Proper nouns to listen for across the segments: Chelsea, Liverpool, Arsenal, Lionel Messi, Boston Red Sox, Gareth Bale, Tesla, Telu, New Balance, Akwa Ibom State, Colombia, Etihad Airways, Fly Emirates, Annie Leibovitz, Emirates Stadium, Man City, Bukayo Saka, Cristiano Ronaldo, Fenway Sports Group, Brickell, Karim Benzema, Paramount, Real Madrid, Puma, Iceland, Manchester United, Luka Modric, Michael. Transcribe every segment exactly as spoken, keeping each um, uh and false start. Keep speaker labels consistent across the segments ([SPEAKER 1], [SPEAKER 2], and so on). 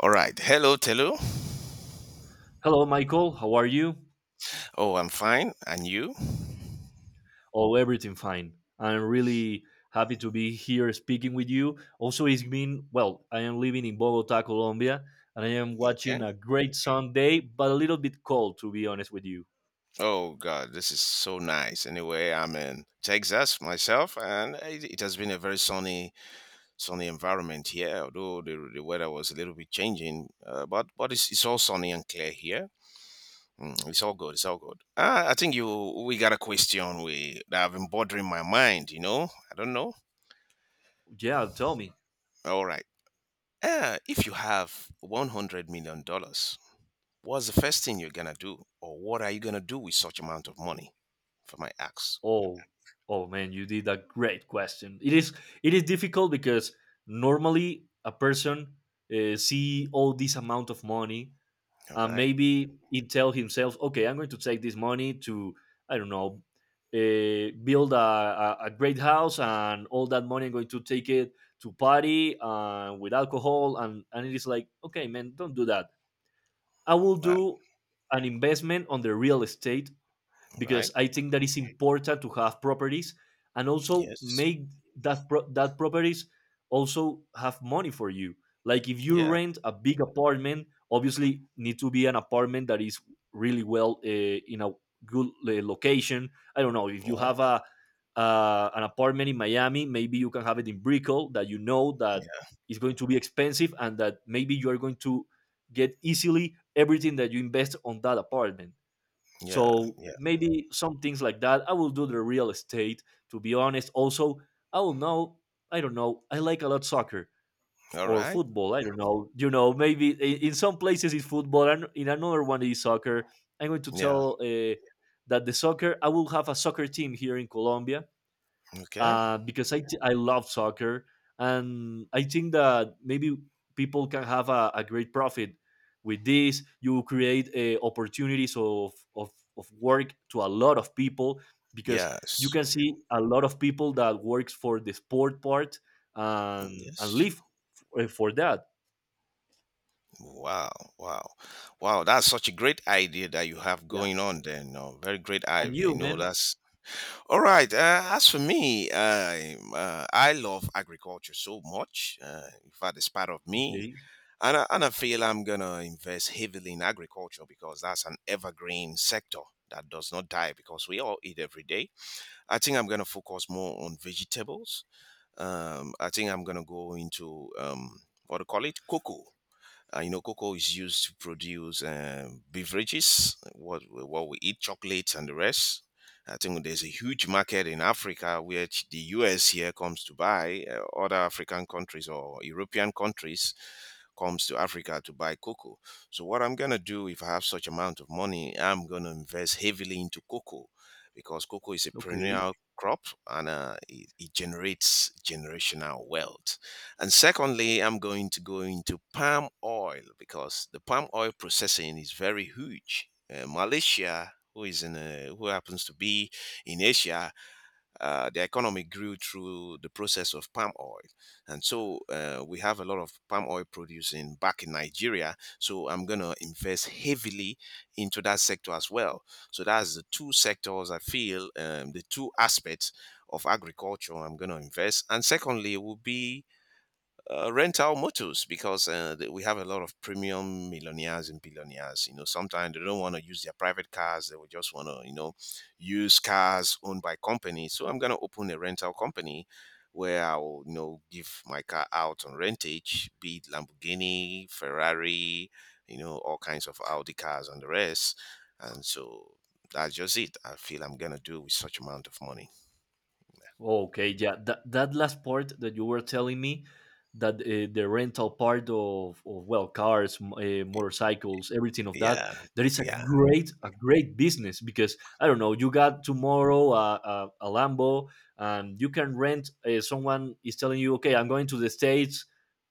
[SPEAKER 1] All right. Hello, Telu.
[SPEAKER 2] Hello, Michael. How are you?
[SPEAKER 1] Oh, I'm fine. And you?
[SPEAKER 2] Oh, everything fine. I'm really happy to be here speaking with you. Also, it's been, well, I am living in Bogota, Colombia, and I am watching
[SPEAKER 1] Okay.
[SPEAKER 2] a great sun day, but a little bit cold, to be honest with you.
[SPEAKER 1] Oh, God, this is so nice. Anyway, I'm in Texas myself, and it, it has been a very sunny, sunny environment here. Although the, the weather was a little bit changing, uh, but but it's, it's all sunny and clear here. Mm, it's all good. It's all good. Uh, I think you we got a question we that have been bothering my mind. You know, I don't know.
[SPEAKER 2] Yeah, tell me.
[SPEAKER 1] All right. Uh, if you have one hundred million dollars, what's the first thing you're gonna do, or what are you gonna do with such amount of money? For my axe?
[SPEAKER 2] Oh, oh man, you did a great question. It is, it is difficult because normally a person uh, see all this amount of money
[SPEAKER 1] All
[SPEAKER 2] and
[SPEAKER 1] right.
[SPEAKER 2] maybe he tell himself, okay, I'm going to take this money to I don't know, uh, build a, a, a great house, and all that money I'm going to take it to party uh, with alcohol, and and it is like, okay, man, don't do that. I will
[SPEAKER 1] Right.
[SPEAKER 2] do an investment on the real estate because
[SPEAKER 1] Right.
[SPEAKER 2] I think that it's important to have properties and also
[SPEAKER 1] Yes.
[SPEAKER 2] make that pro- that properties also have money for you. Like if you
[SPEAKER 1] Yeah.
[SPEAKER 2] rent a big apartment, obviously need to be an apartment that is really well uh, in a good uh, location. I don't know if you
[SPEAKER 1] Yeah.
[SPEAKER 2] have a uh, an apartment in Miami, maybe you can have it in Brickell that you know that
[SPEAKER 1] Yeah.
[SPEAKER 2] is going to be expensive and that maybe you are going to get easily everything that you invest on that apartment
[SPEAKER 1] Yeah.
[SPEAKER 2] so
[SPEAKER 1] Yeah.
[SPEAKER 2] maybe some things like that. I will do the real estate, to be honest. Also, I will know, I don't know, I like a lot soccer f-
[SPEAKER 1] All
[SPEAKER 2] or
[SPEAKER 1] right.
[SPEAKER 2] football. I don't know. You know, maybe i- in some places it's football and in another one it's soccer. I'm going to
[SPEAKER 1] Yeah.
[SPEAKER 2] tell uh, that the soccer, I will have a soccer team here in Colombia
[SPEAKER 1] Okay.
[SPEAKER 2] uh, because I t- I love soccer and I think that maybe people can have a, a great profit with this. You create uh, opportunities of, of of work to a lot of people because
[SPEAKER 1] Yes.
[SPEAKER 2] you can see a lot of people that works for the sport part and and
[SPEAKER 1] Yes.
[SPEAKER 2] live f- uh, for that.
[SPEAKER 1] Wow. Wow. Wow. That's such a great idea that you have
[SPEAKER 2] Yeah,
[SPEAKER 1] going on there. No, very great
[SPEAKER 2] and
[SPEAKER 1] idea. You
[SPEAKER 2] you,
[SPEAKER 1] know,
[SPEAKER 2] man.
[SPEAKER 1] that's all right. Uh, as for me, I, uh, I love agriculture so much. Uh, in fact, it's part of me.
[SPEAKER 2] Okay,
[SPEAKER 1] And I, and I feel I'm going to invest heavily in agriculture because that's an evergreen sector that does not die because we all eat every day. I think I'm going to focus more on vegetables. Um, I think I'm going to go into um, what do you call it? Cocoa. Uh, you know, cocoa is used to produce um, beverages, what we- what we eat, chocolates and the rest. I think there's a huge market in Africa, which the U S here comes to buy. Uh, other African countries or European countries comes to Africa to buy cocoa. So what I'm gonna do if I have such amount of money, I'm gonna invest heavily into cocoa because cocoa is a
[SPEAKER 2] okay.
[SPEAKER 1] perennial crop and uh, it, it generates generational wealth. And secondly, I'm going to go into palm oil because the palm oil processing is very huge. Uh, Malaysia, who is in uh who happens to be in Asia, uh, the economy grew through the process of palm oil, and so uh, we have a lot of palm oil producing back in Nigeria. So I'm gonna invest heavily into that sector as well. So that's the two sectors I feel um, the two aspects of agriculture I'm gonna invest, and secondly will be uh, rent out motos because uh, th- we have a lot of premium millionaires and billionaires. You know, sometimes they don't want to use their private cars; they would just want to, you know, use cars owned by companies. So I'm gonna open a rental company where I will, you know, give my car out on rentage, be it Lamborghini, Ferrari, you know, all kinds of Audi cars and the rest. And so that's just it. I feel I'm gonna do with such amount of money.
[SPEAKER 2] Oh, Okay, yeah, that that last part that you were telling me, that uh, the rental part of, of well, cars, m- uh, motorcycles, everything of that,
[SPEAKER 1] Yeah,
[SPEAKER 2] that is a
[SPEAKER 1] yeah,
[SPEAKER 2] great a great business because I don't know, you got tomorrow a, a, a Lambo, and you can rent. Uh, someone is telling you, okay, I'm going to the States,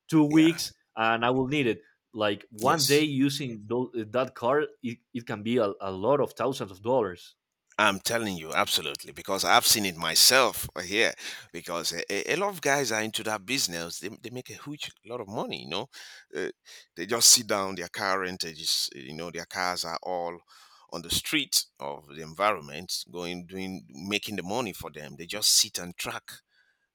[SPEAKER 2] two
[SPEAKER 1] yeah.
[SPEAKER 2] weeks, and I will need it. Like one day
[SPEAKER 1] Yes.
[SPEAKER 2] using tho- eh, that car, it, it can be a, a lot of thousands of dollars.
[SPEAKER 1] I'm telling you, absolutely, because I've seen it myself here. Because a, a a lot of guys are into that business. They, they make a huge lot of money, you know. Uh, they just sit down, their car rentages, you know, their cars are all on the street of the environment, going, doing, making the money for them. They just sit and track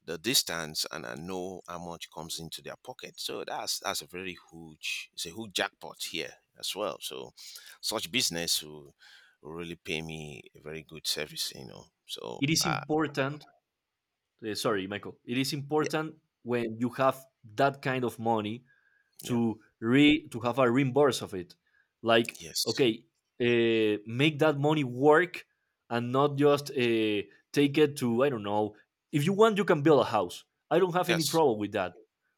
[SPEAKER 1] the distance and I know how much comes into their pocket. So that's that's a very huge it's a huge jackpot here as well. So such business will, will really pay me a very good service, you know. So
[SPEAKER 2] It is
[SPEAKER 1] uh,
[SPEAKER 2] important uh, sorry, Michael, it is
[SPEAKER 1] yeah,
[SPEAKER 2] important when you have that kind of money
[SPEAKER 1] yeah,
[SPEAKER 2] to re to have a reimburse of it. Like,
[SPEAKER 1] yes.
[SPEAKER 2] okay, uh, make that money work and not just uh, take it to I don't know. If you want, you can build a house. I don't have any
[SPEAKER 1] Yes.
[SPEAKER 2] trouble with that.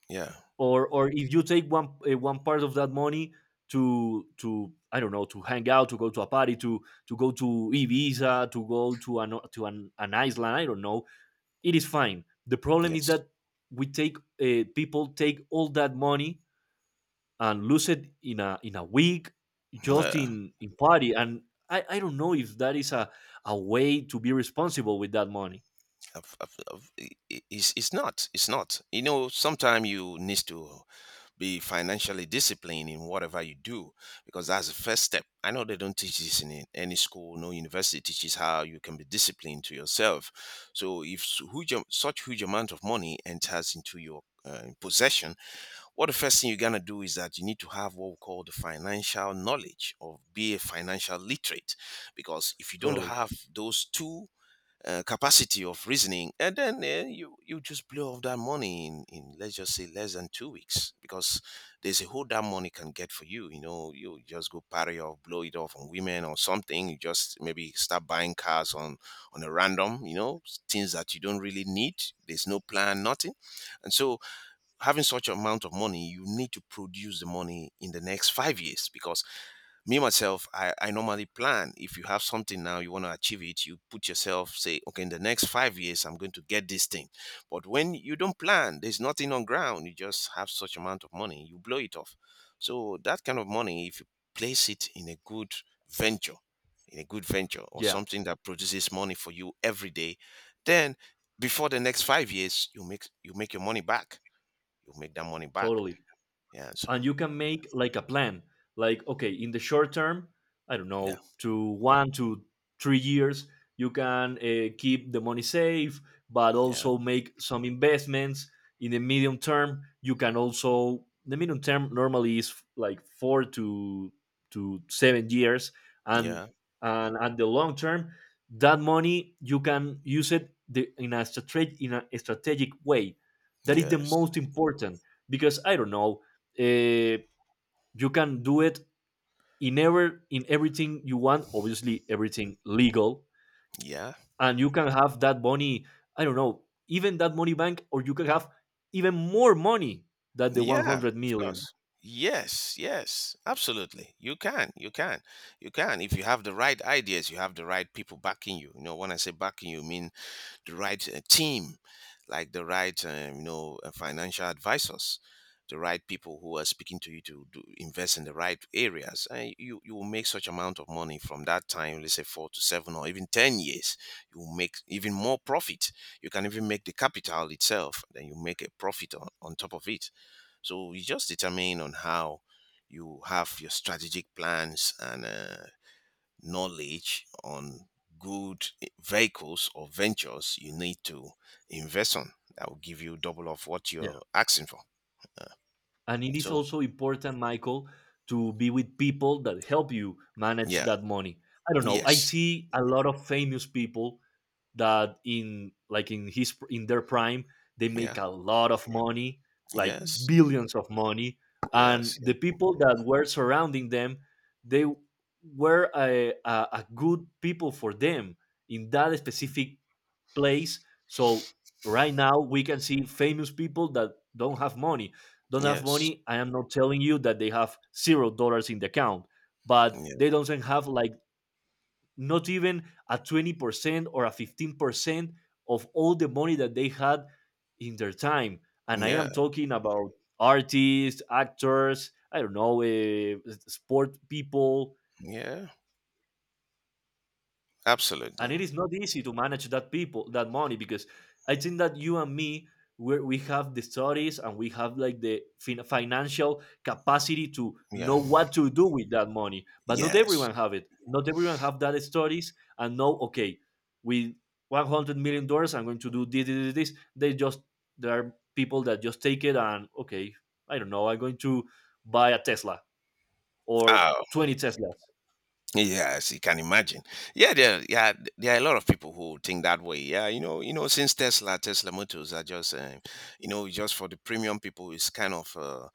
[SPEAKER 1] Yeah,
[SPEAKER 2] Or or if you take one uh, one part of that money to to I don't know to hang out, to go to a party, to to go to Ibiza, to go to an to an, an Iceland. I don't know it is fine. The problem is
[SPEAKER 1] yes.
[SPEAKER 2] that we take uh, people take all that money and lose it in a in a week just
[SPEAKER 1] Uh,
[SPEAKER 2] in in party and I, I don't know if that is a, a way to be responsible with that money.
[SPEAKER 1] I've, I've, I've, I- I- it's, it's not. It's not. You know, sometimes you need to be financially disciplined in whatever you do because that's the first step. I know they don't teach this in a- any school. No university teaches how you can be disciplined to yourself. So if s- huge, am- such huge amount of money enters into your uh, possession, what the first thing you're going to do is that you need to have what we call the financial knowledge, or be a financial literate, because if you don't
[SPEAKER 2] Totally.
[SPEAKER 1] have those two uh, capacity of reasoning, and then uh, you you just blow off that money in, in let's just say less than two weeks, because there's a whole that money can get for you. You know, you just go party off, blow it off on women or something. You just maybe start buying cars on on a random. You know, s- things that you don't really need. There's no plan, nothing, and so having such amount of money, you need to produce the money in the next five years. Because me myself, I, I normally plan. If you have something now you want to achieve it, you put yourself, say okay, in the next five years I'm going to get this thing. But when you don't plan, there's nothing on ground, you just have such amount of money, you blow it off. So that kind of money, if you place it in a good venture, in a good venture, or
[SPEAKER 2] Yeah,
[SPEAKER 1] something that produces money for you every day, then before the next five years you make, you make your money back, you make that money back.
[SPEAKER 2] totally.
[SPEAKER 1] Yeah, so
[SPEAKER 2] And you can make like a plan like okay in the short term, I don't
[SPEAKER 1] yeah,
[SPEAKER 2] know, to one to three years you can uh, keep the money safe but
[SPEAKER 1] yeah,
[SPEAKER 2] also make some investments in the medium term. You can also, the medium term normally is like four to to seven years, and
[SPEAKER 1] yeah,
[SPEAKER 2] and at the long term that money you can use it the, in a strate- in a strategic way, that is the
[SPEAKER 1] yes,
[SPEAKER 2] most important. Because I don't know, uh, you can do it in ever in everything you want, obviously everything legal,
[SPEAKER 1] yeah.
[SPEAKER 2] and you can have that money, I don't know, even that money bank, or you can have even more money than the
[SPEAKER 1] Yeah,
[SPEAKER 2] one hundred
[SPEAKER 1] of
[SPEAKER 2] million.
[SPEAKER 1] course. Yes, yes, absolutely. You can, you can, you can. If you have the right ideas, you have the right people backing you. You know, when I say backing you, I mean the right uh, team, like the right, um, you know, uh, financial advisors, the right people who are speaking to you to do, invest in the right areas. And you, you will make such amount of money from that time, let's say four to seven or even ten years. You will make even more profit. You can even make the capital itself, then you make a profit on, on top of it, so you just determine on how you have your strategic plans and uh, knowledge on good vehicles or ventures you need to invest on. That will give you double of what you're asking for.
[SPEAKER 2] And it is
[SPEAKER 1] So
[SPEAKER 2] also important, Michael, to be with people that help you manage
[SPEAKER 1] yeah,
[SPEAKER 2] that money. I don't know, I
[SPEAKER 1] yes,
[SPEAKER 2] see a lot of famous people that in like in his in their prime they
[SPEAKER 1] yeah,
[SPEAKER 2] make a lot of money, like
[SPEAKER 1] yes,
[SPEAKER 2] billions of money, and
[SPEAKER 1] yes, yeah,
[SPEAKER 2] the people that were surrounding them they were a, a, a good people for them in that specific place. So right now we can see famous people that don't have money. Don't have
[SPEAKER 1] yes,
[SPEAKER 2] money. I am not telling you that they have zero dollars in the account, but
[SPEAKER 1] yeah,
[SPEAKER 2] they don't even have like, not even a twenty percent or a fifteen percent of all the money that they had in their time. And I
[SPEAKER 1] yeah,
[SPEAKER 2] am talking about artists, actors, I don't know, uh, sport people,
[SPEAKER 1] yeah,
[SPEAKER 2] and
[SPEAKER 1] absolutely,
[SPEAKER 2] it is not easy to manage that people that money because I think that you and me, we we have the studies and we have like the fin- financial capacity to
[SPEAKER 1] yeah,
[SPEAKER 2] know what to do with that money, but not
[SPEAKER 1] yes.
[SPEAKER 2] everyone have it, not everyone have that studies and know, okay, with one hundred million dollars I'm going to do this, this, this, this. They just, there are people that just take it and okay, I don't know, I'm going to buy a tesla or
[SPEAKER 1] Ah,
[SPEAKER 2] twenty teslas.
[SPEAKER 1] yes, you can imagine. Yeah, there, yeah, there are a lot of people who think that way. Yeah, you know, you know, since Tesla, Tesla motors are just, um, you know, just for the premium people, it's kind of uh,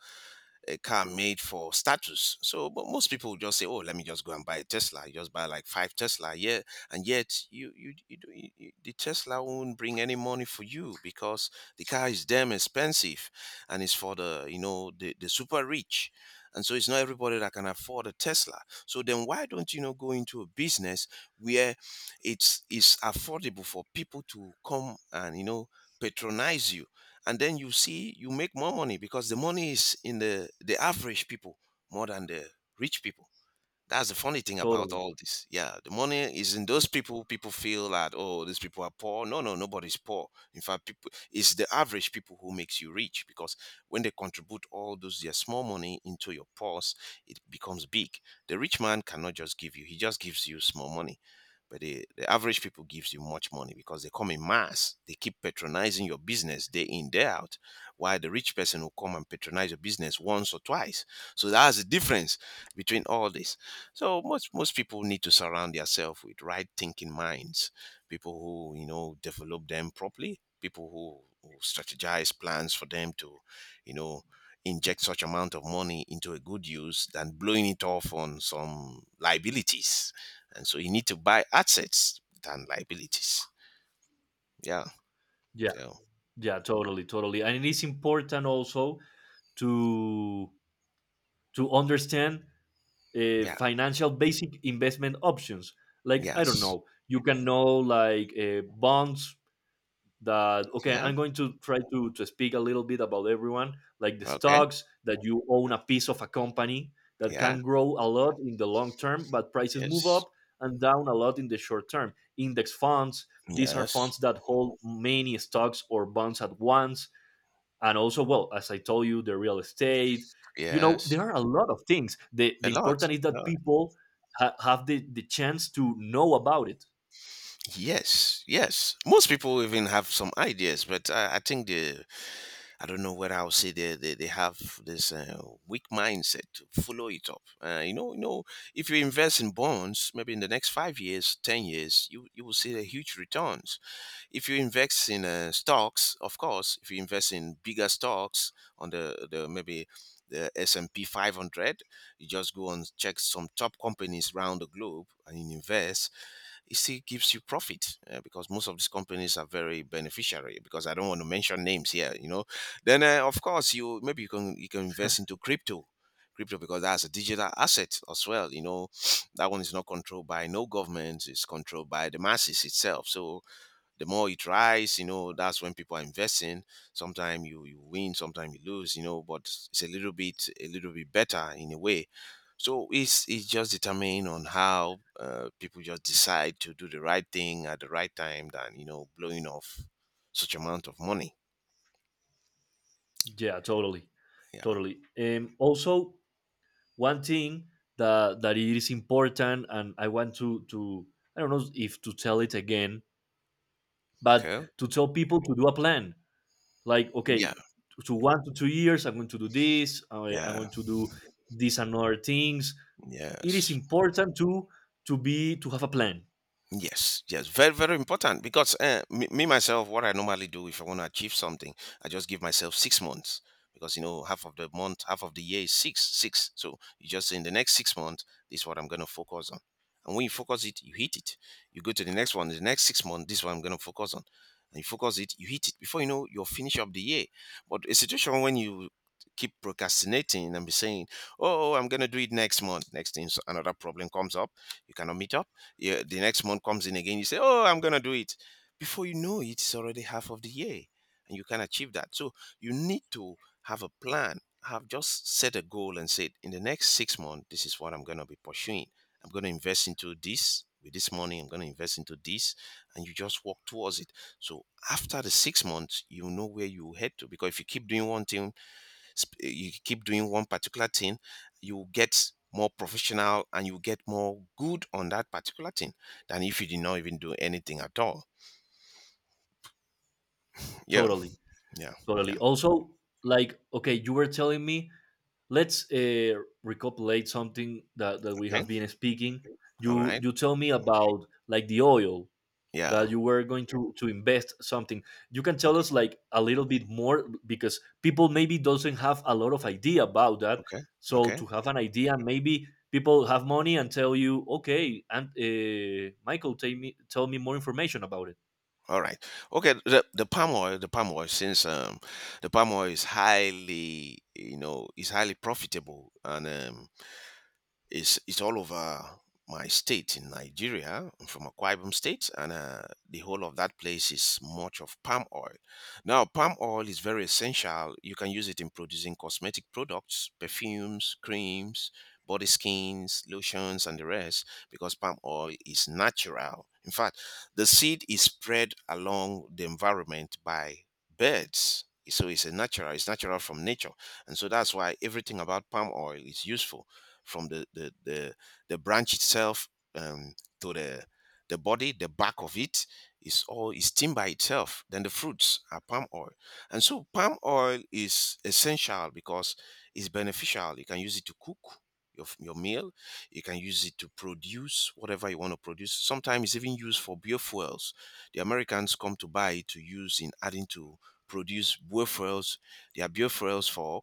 [SPEAKER 1] a car made for status. So, but most people would just say, "Oh, let me just go and buy a Tesla." You just buy like five Tesla, yeah, and yet you you, you, do- you you- the Tesla won't bring any money for you because the car is damn expensive, and it's for the, you know, the the super rich. And so it's not everybody that can afford a Tesla. So then why don't you know go into a business where it's it's affordable for people to come and, you know, patronize you, and then you see you make more money, because the money is in the the average people, more than the rich people. That's the funny thing about
[SPEAKER 2] Totally.
[SPEAKER 1] all this. Yeah, the money is in those people. People feel that, oh, these people are poor. No, no, nobody's poor. In fact, people, it's the average people who makes you rich, because when they contribute all those their small money into your purse, it becomes big. The rich man cannot just give you; he just gives you small money. But the, the average people gives you much money because they come in mass. They keep patronizing your business day in day out, while the rich person will come and patronize your business once or twice. So that's the difference between all this. So most most people need to surround themselves with right thinking minds, people who, you know, develop them properly, people who, who strategize plans for them to, you know, inject such amount of money into a good use than blowing it off on some liabilities. And so you need to buy assets than liabilities. Yeah.
[SPEAKER 2] Yeah.
[SPEAKER 1] So
[SPEAKER 2] Yeah, totally, totally. And it is important also to to understand uh,
[SPEAKER 1] yeah.
[SPEAKER 2] financial basic investment options. Like I don't
[SPEAKER 1] Yes.
[SPEAKER 2] know, you can know like uh, bonds, that okay,
[SPEAKER 1] Yeah.
[SPEAKER 2] I'm going to try to to speak a little bit about everyone, like the
[SPEAKER 1] Okay.
[SPEAKER 2] stocks, that you own a piece of a company that
[SPEAKER 1] Yeah.
[SPEAKER 2] can grow a lot in the long term, but prices move
[SPEAKER 1] Yes.
[SPEAKER 2] up and down a lot in the short term. Index funds, these are
[SPEAKER 1] Yes.
[SPEAKER 2] funds that hold many stocks or bonds at once, and also, well, as I told you, the real estate. You know
[SPEAKER 1] Yes.
[SPEAKER 2] there are a lot of things. the
[SPEAKER 1] A
[SPEAKER 2] the
[SPEAKER 1] lot.
[SPEAKER 2] important is that people ha- have the, the chance to know about it.
[SPEAKER 1] Yes, yes. Most people even have some ideas, but I, I think the I don't know whether I'll say they they, they have this uh, weak mindset to follow it up. Uh, you know, you know, if you invest in bonds, maybe in the next five years, ten years, you you will see the huge returns. If you invest in uh, stocks, of course, if you invest in bigger stocks on the the maybe the S and P five hundred. You just go and check some top companies around the globe and invest. It still gives you profit uh, because most of these companies are very beneficiary because I don't want to mention names here you know Then uh, of course you maybe you can you can invest into crypto crypto because that's a digital asset as well you know That one is not controlled by no government. It's controlled by the masses itself. So the more it rise, you know, that's when people are investing. Sometimes you, you win, sometimes you lose, you know, but it's a little bit a little bit better in a way. So it's it's just determined on how uh, people just decide to do the right thing at the right time than you know blowing off such amount of money.
[SPEAKER 2] Yeah, totally,
[SPEAKER 1] Yeah.
[SPEAKER 2] totally. Um, also, one thing that that it is important and I want to to I don't know if to tell it again but
[SPEAKER 1] Okay.
[SPEAKER 2] to tell people to do a plan, like
[SPEAKER 1] Yeah.
[SPEAKER 2] okay, to one to two years I'm going to do this, I, I'm
[SPEAKER 1] Yeah.
[SPEAKER 2] going to do these and other things. It is
[SPEAKER 1] Yes.
[SPEAKER 2] important to to be to have a plan.
[SPEAKER 1] Yes, yes, very, very important because uh, me, me myself, what I normally do if I want to achieve something, I just give myself six months because you know half of the month, half of the year is six, six. So you just say, in the next six months, this is what I'm going to focus on. And when you focus it, you hit it. You go to the next one, the next six months, this is what I'm going to focus on. And you focus it, you hit it. Before you know, you'll finish up the year. But a situation when you keep procrastinating and be saying, "Oh, I'm going to do it next month," next thing, so another problem comes up, you cannot meet up, yeah, the next month comes in again, you say, "Oh, I'm gonna do it." Before you know it, it's already half of the year, and you can achieve that. So you need to have a plan. Have just set a goal and said, "In the next six months, this is what I'm gonna be pursuing. I'm gonna invest into this." With this money, I'm going to invest into this, and you just walk towards it. So after the six months, you know where you head to. Because if you keep doing one thing sp- you keep doing one particular thing, you will get more professional and you will get more good on that particular thing than if you did not even do anything at all. Yeah.
[SPEAKER 2] Totally,
[SPEAKER 1] Yeah.
[SPEAKER 2] totally
[SPEAKER 1] Yeah.
[SPEAKER 2] also. Like okay, you were telling me, let's uh, recopulate something that, that we
[SPEAKER 1] Okay.
[SPEAKER 2] have been speaking.
[SPEAKER 1] All
[SPEAKER 2] you
[SPEAKER 1] right.
[SPEAKER 2] you tell me about like the oil
[SPEAKER 1] Yeah.
[SPEAKER 2] that you were going to to invest something. You can tell
[SPEAKER 1] Okay.
[SPEAKER 2] us like a little bit more because people maybe doesn't have a lot of idea about that,
[SPEAKER 1] Okay.
[SPEAKER 2] so
[SPEAKER 1] Okay.
[SPEAKER 2] to have an idea maybe people have money and tell you, okay, and uh, Michael, tell me, tell me more information about it.
[SPEAKER 1] All right. Okay, the, the palm oil the palm oil since um the palm oil is highly you know is highly profitable, and um It's it's all over my state in Nigeria. I'm from Akwa Ibom State, and uh, the whole of that place is much of palm oil. Now, palm oil is very essential. You can use it in producing cosmetic products, perfumes, creams, body skins, lotions, and the rest because palm oil is natural. In fact, the seed is spread along the environment by birds. So it's a natural, it's natural from nature. And so that's why everything about palm oil is useful from the the the, the branch itself, um, to the the body, the back of it is all is steamed by itself. Then the fruits are palm oil, and so palm oil is essential because it's beneficial. You can use it to cook your your meal. You can use it to produce whatever you want to produce. Sometimes it's even used for biofuels. The Americans come to buy it to use in adding to produce biofuels. There are biofuels for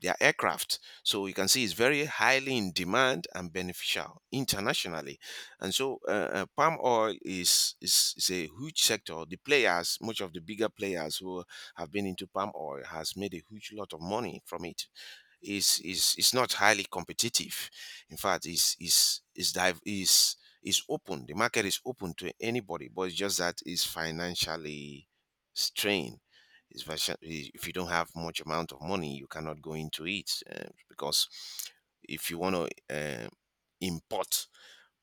[SPEAKER 1] their aircraft. So you can see it's very highly in demand and beneficial internationally. And so uh, uh, palm oil is, is is a huge sector. The players, much of the bigger players who have been into palm oil, has made a huge lot of money from it. Is is is not highly competitive. In fact, is is is dive is is open. The market is open to anybody, but it's just that it's financially strained. It's version- if you don't have much amount of money, you cannot go into it uh, because if you want to uh, import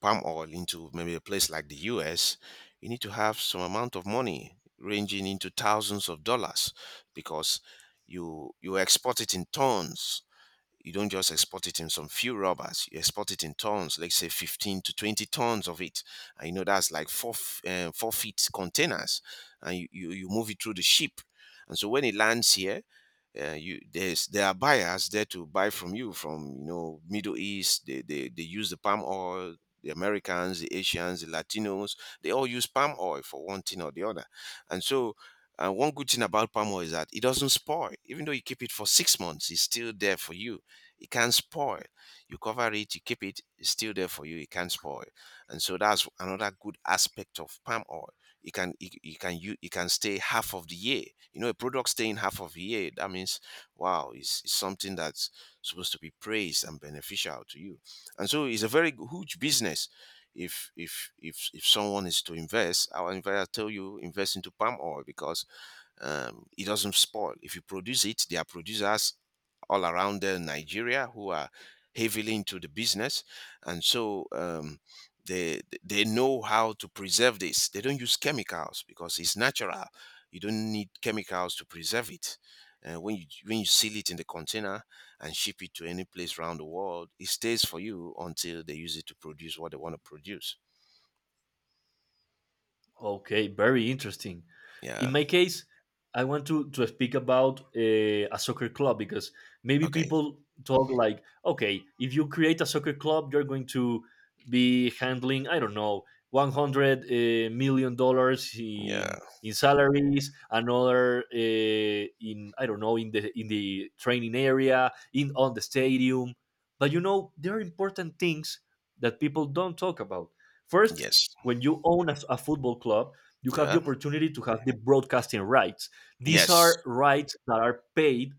[SPEAKER 1] palm oil into maybe a place like the U S, you need to have some amount of money ranging into thousands of dollars because you you export it in tons. You don't just export it in some few rubbers. You export it in tons, let's say fifteen to twenty tons of it. And you know, that's like four, f- eh, four feet containers. And you, you, you move it through the ship. And so when it lands here, uh, you there's there are buyers there to buy from you, from, you know Middle East. They, they they use the palm oil. The Americans, the Asians, the Latinos, they all use palm oil for one thing or the other. And so uh, one good thing about palm oil is that it doesn't spoil. Even though you keep it for six months, it's still there for you. It can't spoil. You cover it, you keep it, it's still there for you. It can't spoil, and so that's another good aspect of palm oil. It can it, it can you it can stay half of the year. You know, a product staying half of the year. That means, wow, it's, it's something that's supposed to be praised and beneficial to you. And so it's a very huge business. If if if if someone is to invest, our advisor tell you invest into palm oil because um, it doesn't spoil. If you produce it, there are producers all around uh, Nigeria who are heavily into the business. And so um, they they know how to preserve this. They don't use chemicals because it's natural. You don't need chemicals to preserve it. Uh, when you when you seal it in the container and ship it to any place around the world, it stays for you until they use it to produce what they want to produce.
[SPEAKER 2] Okay, very interesting. In
[SPEAKER 1] Yeah.
[SPEAKER 2] my case, I want to to speak about uh, a soccer club because maybe
[SPEAKER 1] Okay.
[SPEAKER 2] people talk like, okay, if you create a soccer club, you're going to be handling, I don't know, one hundred eh, million dollars
[SPEAKER 1] Yeah.
[SPEAKER 2] in in salaries, another uh, in I don't know in the in the training area, in on the stadium. But you know, there are important things that people don't talk about. First,
[SPEAKER 1] Yes.
[SPEAKER 2] when you own a, a football club, you have the
[SPEAKER 1] Yeah.
[SPEAKER 2] opportunity to have the broadcasting rights. These
[SPEAKER 1] Yes.
[SPEAKER 2] are rights that are paid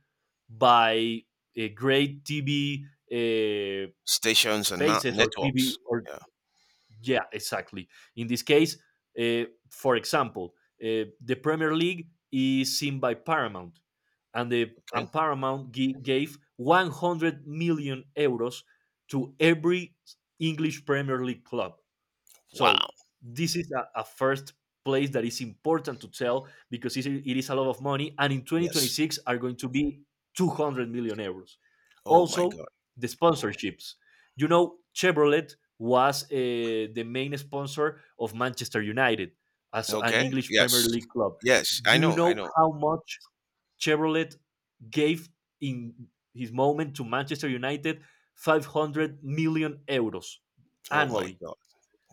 [SPEAKER 2] by uh, great T V uh,
[SPEAKER 1] Stations and not
[SPEAKER 2] spaces or T V
[SPEAKER 1] networks.
[SPEAKER 2] or
[SPEAKER 1] Yeah.
[SPEAKER 2] yeah, exactly. In this case, uh, for example, uh, the Premier League is seen by Paramount, and the
[SPEAKER 1] Okay.
[SPEAKER 2] and Paramount gi- gave one hundred million euros to every English Premier League club.
[SPEAKER 1] Wow.
[SPEAKER 2] So this is a, a first place that is important to tell because it it is a lot of money, and in
[SPEAKER 1] Yes.
[SPEAKER 2] twenty twenty-six are going to be two hundred million euros.
[SPEAKER 1] Oh my
[SPEAKER 2] Also,
[SPEAKER 1] God.
[SPEAKER 2] the sponsorships. You know, Chevrolet was uh, the main sponsor of Manchester United as an
[SPEAKER 1] Okay.
[SPEAKER 2] English Premier
[SPEAKER 1] Yes.
[SPEAKER 2] League club.
[SPEAKER 1] Yes. I
[SPEAKER 2] Do you
[SPEAKER 1] know. I
[SPEAKER 2] know
[SPEAKER 1] know.
[SPEAKER 2] how much Chevrolet gave in his moment to Manchester United? five hundred million euros
[SPEAKER 1] Oh my
[SPEAKER 2] annually.
[SPEAKER 1] God.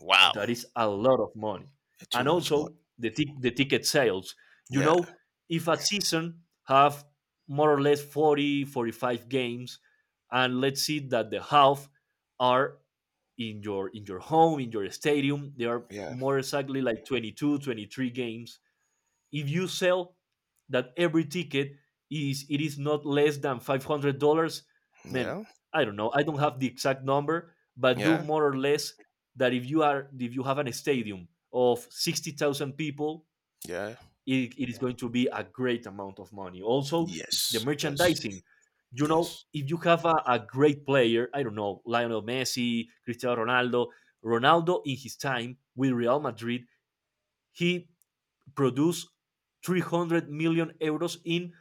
[SPEAKER 1] Wow.
[SPEAKER 2] That is a lot of money.
[SPEAKER 1] Too
[SPEAKER 2] And
[SPEAKER 1] much money.
[SPEAKER 2] also the tic- the ticket sales. You
[SPEAKER 1] Yeah.
[SPEAKER 2] know, if a season have more or less forty, forty five games, and let's see that the half are in your in your home, in your stadium, they are
[SPEAKER 1] Yeah.
[SPEAKER 2] more exactly like twenty two, twenty three games. If you sell that every ticket is, it is not less than five hundred dollars, man,
[SPEAKER 1] Yeah.
[SPEAKER 2] I don't know. I don't have the exact number, but do
[SPEAKER 1] Yeah.
[SPEAKER 2] more or less that if you are, if you have an stadium of sixty thousand people,
[SPEAKER 1] Yeah.
[SPEAKER 2] it, it is going to be a great amount of money. Also, the
[SPEAKER 1] Yes. Yes.
[SPEAKER 2] merchandising. You know,
[SPEAKER 1] Yes.
[SPEAKER 2] if you have a, a great player, I don't know, Lionel Messi, Cristiano Ronaldo, Ronaldo in his time with Real Madrid, he produced three hundred million euros in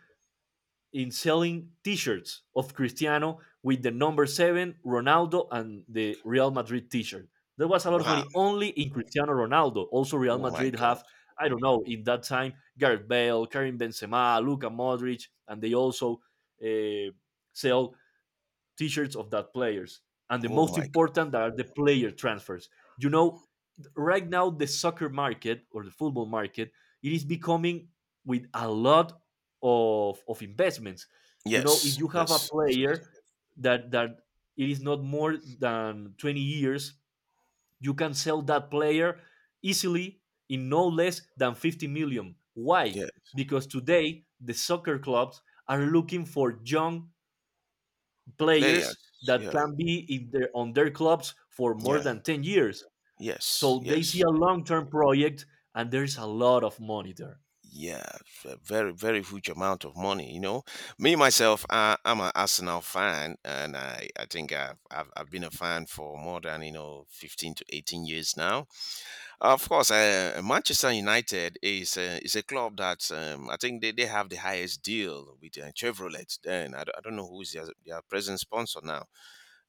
[SPEAKER 2] in selling t-shirts of Cristiano with the number seven Ronaldo and the Real Madrid t-shirt. There was a lot of
[SPEAKER 1] Wow.
[SPEAKER 2] money only in Cristiano Ronaldo. Also Real
[SPEAKER 1] Oh my
[SPEAKER 2] Madrid
[SPEAKER 1] God.
[SPEAKER 2] have, I don't know in that time, Gareth Bale, Karim Benzema, Luka Modric, and they also uh, sell t-shirts of that players. And the
[SPEAKER 1] Oh
[SPEAKER 2] most
[SPEAKER 1] my God.
[SPEAKER 2] important are the player transfers. You know, right now the soccer market or the football market, it is becoming with a lot of of investments. You know,
[SPEAKER 1] Yes.
[SPEAKER 2] if you have a
[SPEAKER 1] Yes. Absolutely.
[SPEAKER 2] player that that it is not more than twenty years, you can sell that player easily in no less than fifty million. Why?
[SPEAKER 1] Yeah.
[SPEAKER 2] Because today the soccer clubs are looking for young players
[SPEAKER 1] Players.
[SPEAKER 2] that
[SPEAKER 1] Yeah.
[SPEAKER 2] can be in their, on their clubs for more
[SPEAKER 1] Yeah.
[SPEAKER 2] than ten years,
[SPEAKER 1] Yes.
[SPEAKER 2] so they see
[SPEAKER 1] Yes.
[SPEAKER 2] a long term project and there's a lot of money there.
[SPEAKER 1] Yeah, a very, very huge amount of money. You know, me myself, I, I'm an Arsenal fan, and I, I think I've, I've I've been a fan for more than you know fifteen to eighteen years now. Of course, uh, Manchester United is a, is a club that, um, I think they, they have the highest deal with uh, Chevrolet. Then I, don't- I don't know who is their, their present sponsor now.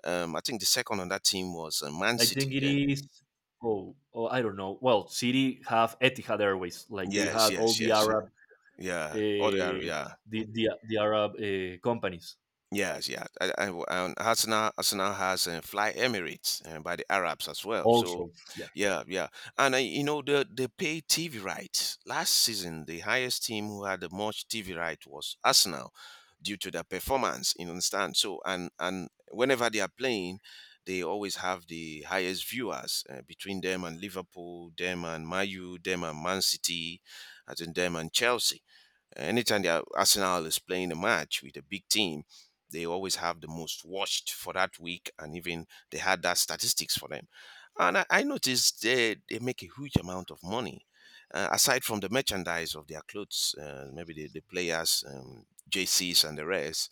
[SPEAKER 1] Um, I think the second on that team was uh, Man
[SPEAKER 2] I think
[SPEAKER 1] City.
[SPEAKER 2] it
[SPEAKER 1] Then
[SPEAKER 2] is. Oh, oh, I don't know. Well, City have Etihad Airways, like they
[SPEAKER 1] yes,
[SPEAKER 2] had all
[SPEAKER 1] yes,
[SPEAKER 2] the
[SPEAKER 1] yes, yeah,
[SPEAKER 2] Arab, uh,
[SPEAKER 1] yeah. Or they are,
[SPEAKER 2] the
[SPEAKER 1] yeah.
[SPEAKER 2] the, the Arab uh, companies
[SPEAKER 1] Yes, yeah. I, I, um, Arsenal, Arsenal has uh, Fly Emirates uh, by the Arabs as well. So,
[SPEAKER 2] also. Yeah,
[SPEAKER 1] yeah, yeah. And, uh, you know, the, they pay T V rights. Last season, the highest team who had the most T V right was Arsenal due to their performance, you understand? So, and, and whenever they are playing, they always have the highest viewers, uh, between them and Liverpool, them and Mayu, them and Man City, I think them and Chelsea. Anytime their Arsenal is playing a match with a big team, they always have the most watched for that week, and even they had that statistics for them. And I, I noticed they, they make a huge amount of money. Uh, aside from the merchandise of their clothes, uh, maybe the, the players, um, J Cs, and the rest,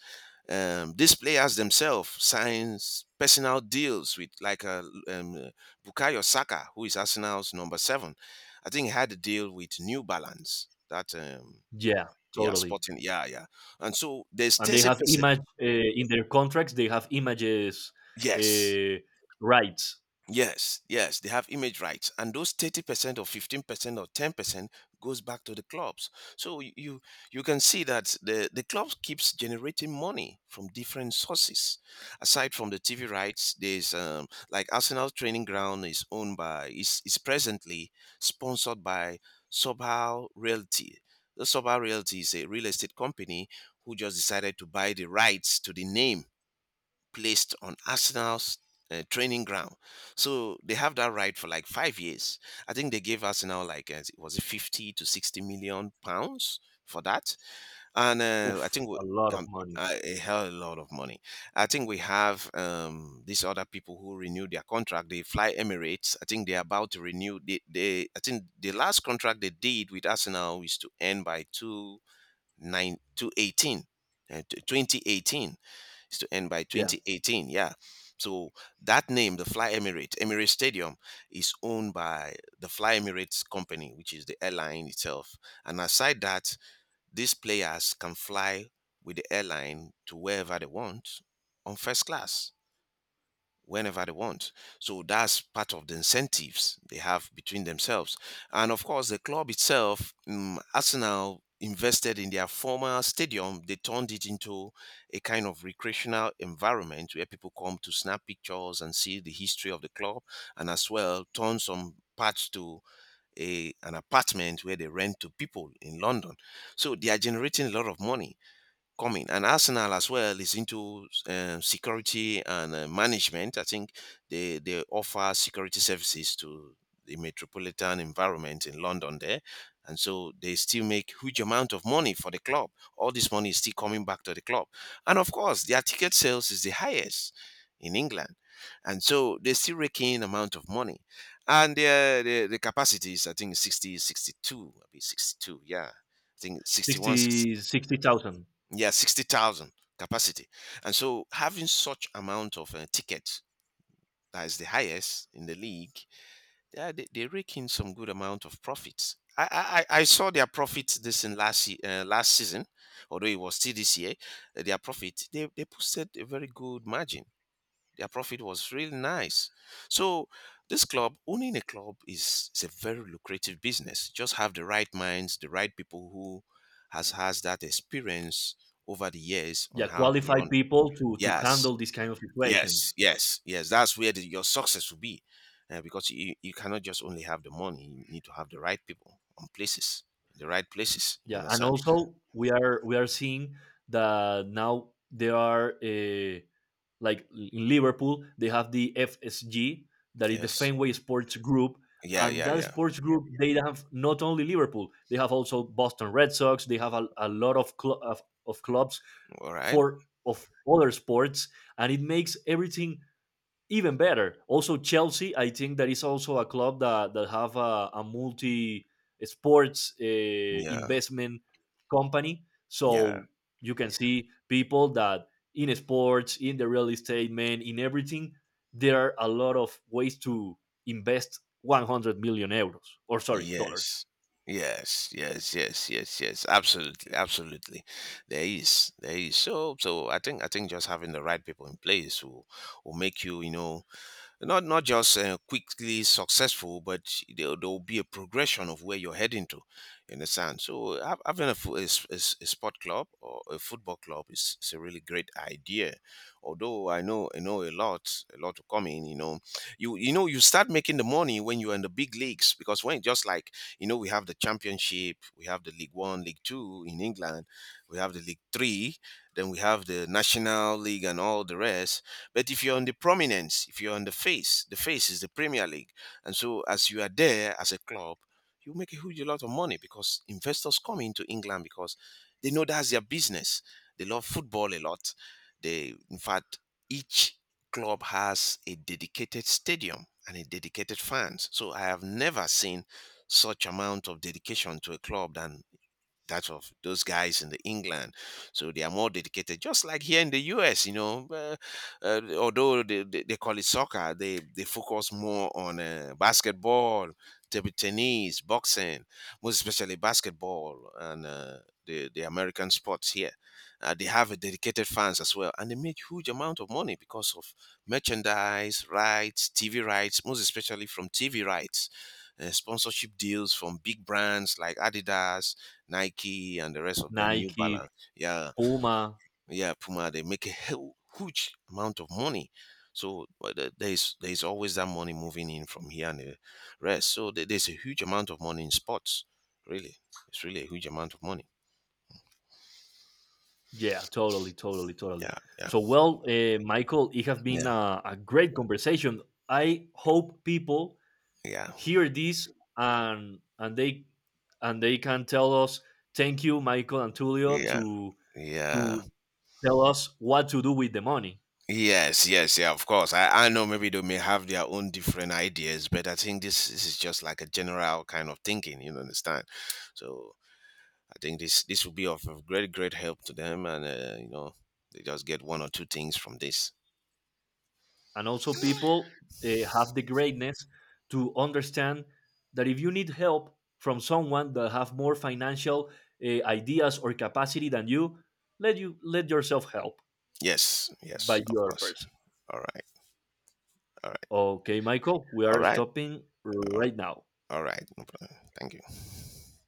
[SPEAKER 1] um, these players themselves sign personal deals with like a, um, Bukayo Saka, who is Arsenal's number seven. I think he had a deal with New Balance, that um,
[SPEAKER 2] yeah,
[SPEAKER 1] yeah,
[SPEAKER 2] totally.
[SPEAKER 1] sporting. Yeah, yeah. And so there's
[SPEAKER 2] And they have
[SPEAKER 1] thirty percent.
[SPEAKER 2] image uh, in their contracts. They have images
[SPEAKER 1] Yes.
[SPEAKER 2] uh, rights.
[SPEAKER 1] Yes, yes, they have image rights, and those thirty percent or fifteen percent or ten percent goes back to the clubs. So y- you you can see that the the club keeps generating money from different sources. Aside from the T V rights, there's um, like Arsenal training ground is owned by is is presently sponsored by Sobhal Realty. The Sobhal Realty is a real estate company who just decided to buy the rights to the name placed on Arsenal's uh, training ground. So they have that right for like five years. I think they gave Arsenal like, uh, was it fifty to sixty million pounds for that? And uh, I
[SPEAKER 2] Oof,
[SPEAKER 1] think we,
[SPEAKER 2] a lot of
[SPEAKER 1] um,
[SPEAKER 2] money.
[SPEAKER 1] uh, a hell of a lot of money. I think we have um, these other people who renew their contract. They fly Emirates. I think they're about to renew. They, they, I think the last contract they did with Arsenal is to end by two, nine, two eighteen, uh, twenty eighteen, is to end by
[SPEAKER 2] Yeah,
[SPEAKER 1] twenty eighteen. Yeah. So that name, the Fly Emirates, Emirates Stadium, is owned by the Fly Emirates company, which is the airline itself. And aside that, these players can fly with the airline to wherever they want on first class whenever they want. So that's part of the incentives they have between themselves. And of course, the club itself, um, Arsenal invested in their former stadium. They turned it into a kind of recreational environment where people come to snap pictures and see the history of the club, and as well turn some parts to a, an apartment where they rent to people in London. So they are generating a lot of money coming. And Arsenal as well is into um, security and uh, management. I think they they offer security services to the metropolitan environment in London there. And so they still make huge amount of money for the club. All this money is still coming back to the club. And of course, their ticket sales is the highest in England. And so they still rake in amount of money. And the, the, the capacity is, I think, sixty sixty two sixty-two, maybe sixty-two. Yeah. I think sixty-one,
[SPEAKER 2] sixty sixty thousand.
[SPEAKER 1] yeah sixty thousand capacity, and so having such amount of uh, tickets that is the highest in the league. Yeah, they, they rake in some good amount of profits. I i, I I saw their profit this in last se- uh, last season, although it was still this year. Uh, their profit, they, they posted a very good margin. Their profit was really nice. So this club, owning a club is, is a very lucrative business. Just have the right minds, the right people who has has that experience over the years on
[SPEAKER 2] Yeah,
[SPEAKER 1] how to run
[SPEAKER 2] qualified
[SPEAKER 1] it.
[SPEAKER 2] people to to
[SPEAKER 1] Yes,
[SPEAKER 2] handle these kind of
[SPEAKER 1] yes,
[SPEAKER 2] situations.
[SPEAKER 1] yes, yes. That's where the, your success will be. Uh, because you, you cannot just only have the money, you need to have the right people on places, in the right places. You
[SPEAKER 2] Yeah, and
[SPEAKER 1] understand?
[SPEAKER 2] also we are, we are seeing that now there are uh, like in Liverpool, they have the F S G, that is the
[SPEAKER 1] Yes.
[SPEAKER 2] Fenway Sports Group.
[SPEAKER 1] Yeah,
[SPEAKER 2] And
[SPEAKER 1] yeah,
[SPEAKER 2] that
[SPEAKER 1] yeah.
[SPEAKER 2] sports group, they have not only Liverpool, they have also Boston Red Sox, they have a, a lot of, cl- of, of clubs
[SPEAKER 1] All right.
[SPEAKER 2] for of other sports, and it makes everything even better. Also, Chelsea, I think that is also a club that, that have a, a multi sports uh,
[SPEAKER 1] Yeah,
[SPEAKER 2] investment company.
[SPEAKER 1] yeah.
[SPEAKER 2] So you can see people that in sports, in the real estate, man, in everything, there are a lot of ways to invest one hundred million euros or sorry, dollars.
[SPEAKER 1] Yes. Yes, yes, yes, yes, yes. Absolutely, absolutely. There is, there is. So, so I think, I think just having the right people in place will will make you, you know, not not just uh, quickly successful, but there there will be a progression of where you're heading to. You understand? So hav- having a, fo- a, s- a s- a sport club or a football club is, is a really great idea. Although I know I know a lot a lot to come in. You know, you you know you start making the money when you're in the big leagues, because when just like you know we have the championship, we have the League One, League Two in England, we have the League Three, then we have the National League and all the rest. But if you're on the prominence, if you're on the face, the face is the Premier League. And so as you are there as a club, you make a huge lot of money because investors come into England because they know that's their business. They love football a lot. They in fact each club has a dedicated stadium and a dedicated fans. So I have never seen such amount of dedication to a club than that of those guys in the England. So they are more dedicated, just like here in the U S, you know. Uh, uh, although they, they, they call it soccer, they, they focus more on uh, basketball, table tennis, boxing, most especially basketball and uh, the, the American sports here. Uh, they have a dedicated fans as well, and they make huge amount of money because of merchandise rights, T V rights, most especially from T V rights. Uh, sponsorship deals from big brands like Adidas, Nike and the rest of them, New
[SPEAKER 2] Nike,
[SPEAKER 1] Balance. Yeah,
[SPEAKER 2] Puma.
[SPEAKER 1] yeah, Puma. They make a hu- huge amount of money. So but the- there is there is always that money moving in from here and the rest. So there- there's a huge amount of money in sports. Really, it's really a huge amount of money.
[SPEAKER 2] Yeah, totally, totally, totally.
[SPEAKER 1] Yeah, yeah,
[SPEAKER 2] So, well, uh, Michael, it has been
[SPEAKER 1] yeah,
[SPEAKER 2] a, a great conversation. I hope people
[SPEAKER 1] yeah,
[SPEAKER 2] hear this and and they and they can tell us, thank you Michael and Tulio,
[SPEAKER 1] yeah,
[SPEAKER 2] to
[SPEAKER 1] yeah.
[SPEAKER 2] to tell us what to do with the money.
[SPEAKER 1] Yes, yes, yeah, of course. I, I know maybe they may have their own different ideas, but I think this, this is just like a general kind of thinking, you know, understand? So I think this this will be of, of great great help to them, and uh, you know they just get one or two things from this.
[SPEAKER 2] And also people uh, have the greatness to understand that if you need help from someone that have more financial uh, ideas or capacity than you, let you let yourself help
[SPEAKER 1] Yes, yes,
[SPEAKER 2] by the
[SPEAKER 1] of
[SPEAKER 2] other
[SPEAKER 1] course.
[SPEAKER 2] person.
[SPEAKER 1] All right, all right,
[SPEAKER 2] Okay Michael, we
[SPEAKER 1] all
[SPEAKER 2] are
[SPEAKER 1] right,
[SPEAKER 2] stopping
[SPEAKER 1] all
[SPEAKER 2] right now.
[SPEAKER 1] all right. No problem. Thank you.